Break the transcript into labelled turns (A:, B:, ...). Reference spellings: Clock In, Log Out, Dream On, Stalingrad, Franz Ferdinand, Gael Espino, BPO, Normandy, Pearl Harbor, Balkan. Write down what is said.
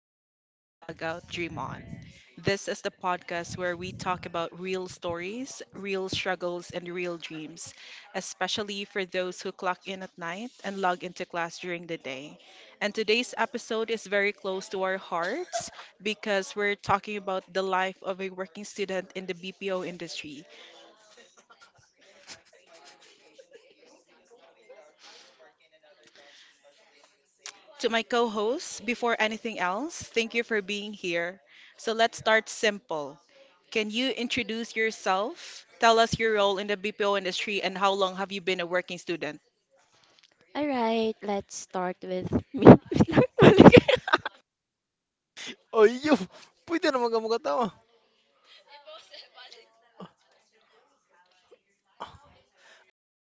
A: Clock In, Log Out,
B: Chapter.
A: Dream On. This is the podcast where we talk about real
B: Stories.
A: stories, real struggles, and real dreams, especially for those who clock in at night and log into class during the day. And today's episode is very close to our hearts because we're talking about the life of a working student in the BPO industry. To my co hosts, before anything else, thank you for being here. So let's start simple. Can you introduce yourself? Tell us your role in the BPO industry and how long have you been a working student?
B: All right, let's start with me.
C: Ay, yo! Pwede naman ka magatawa.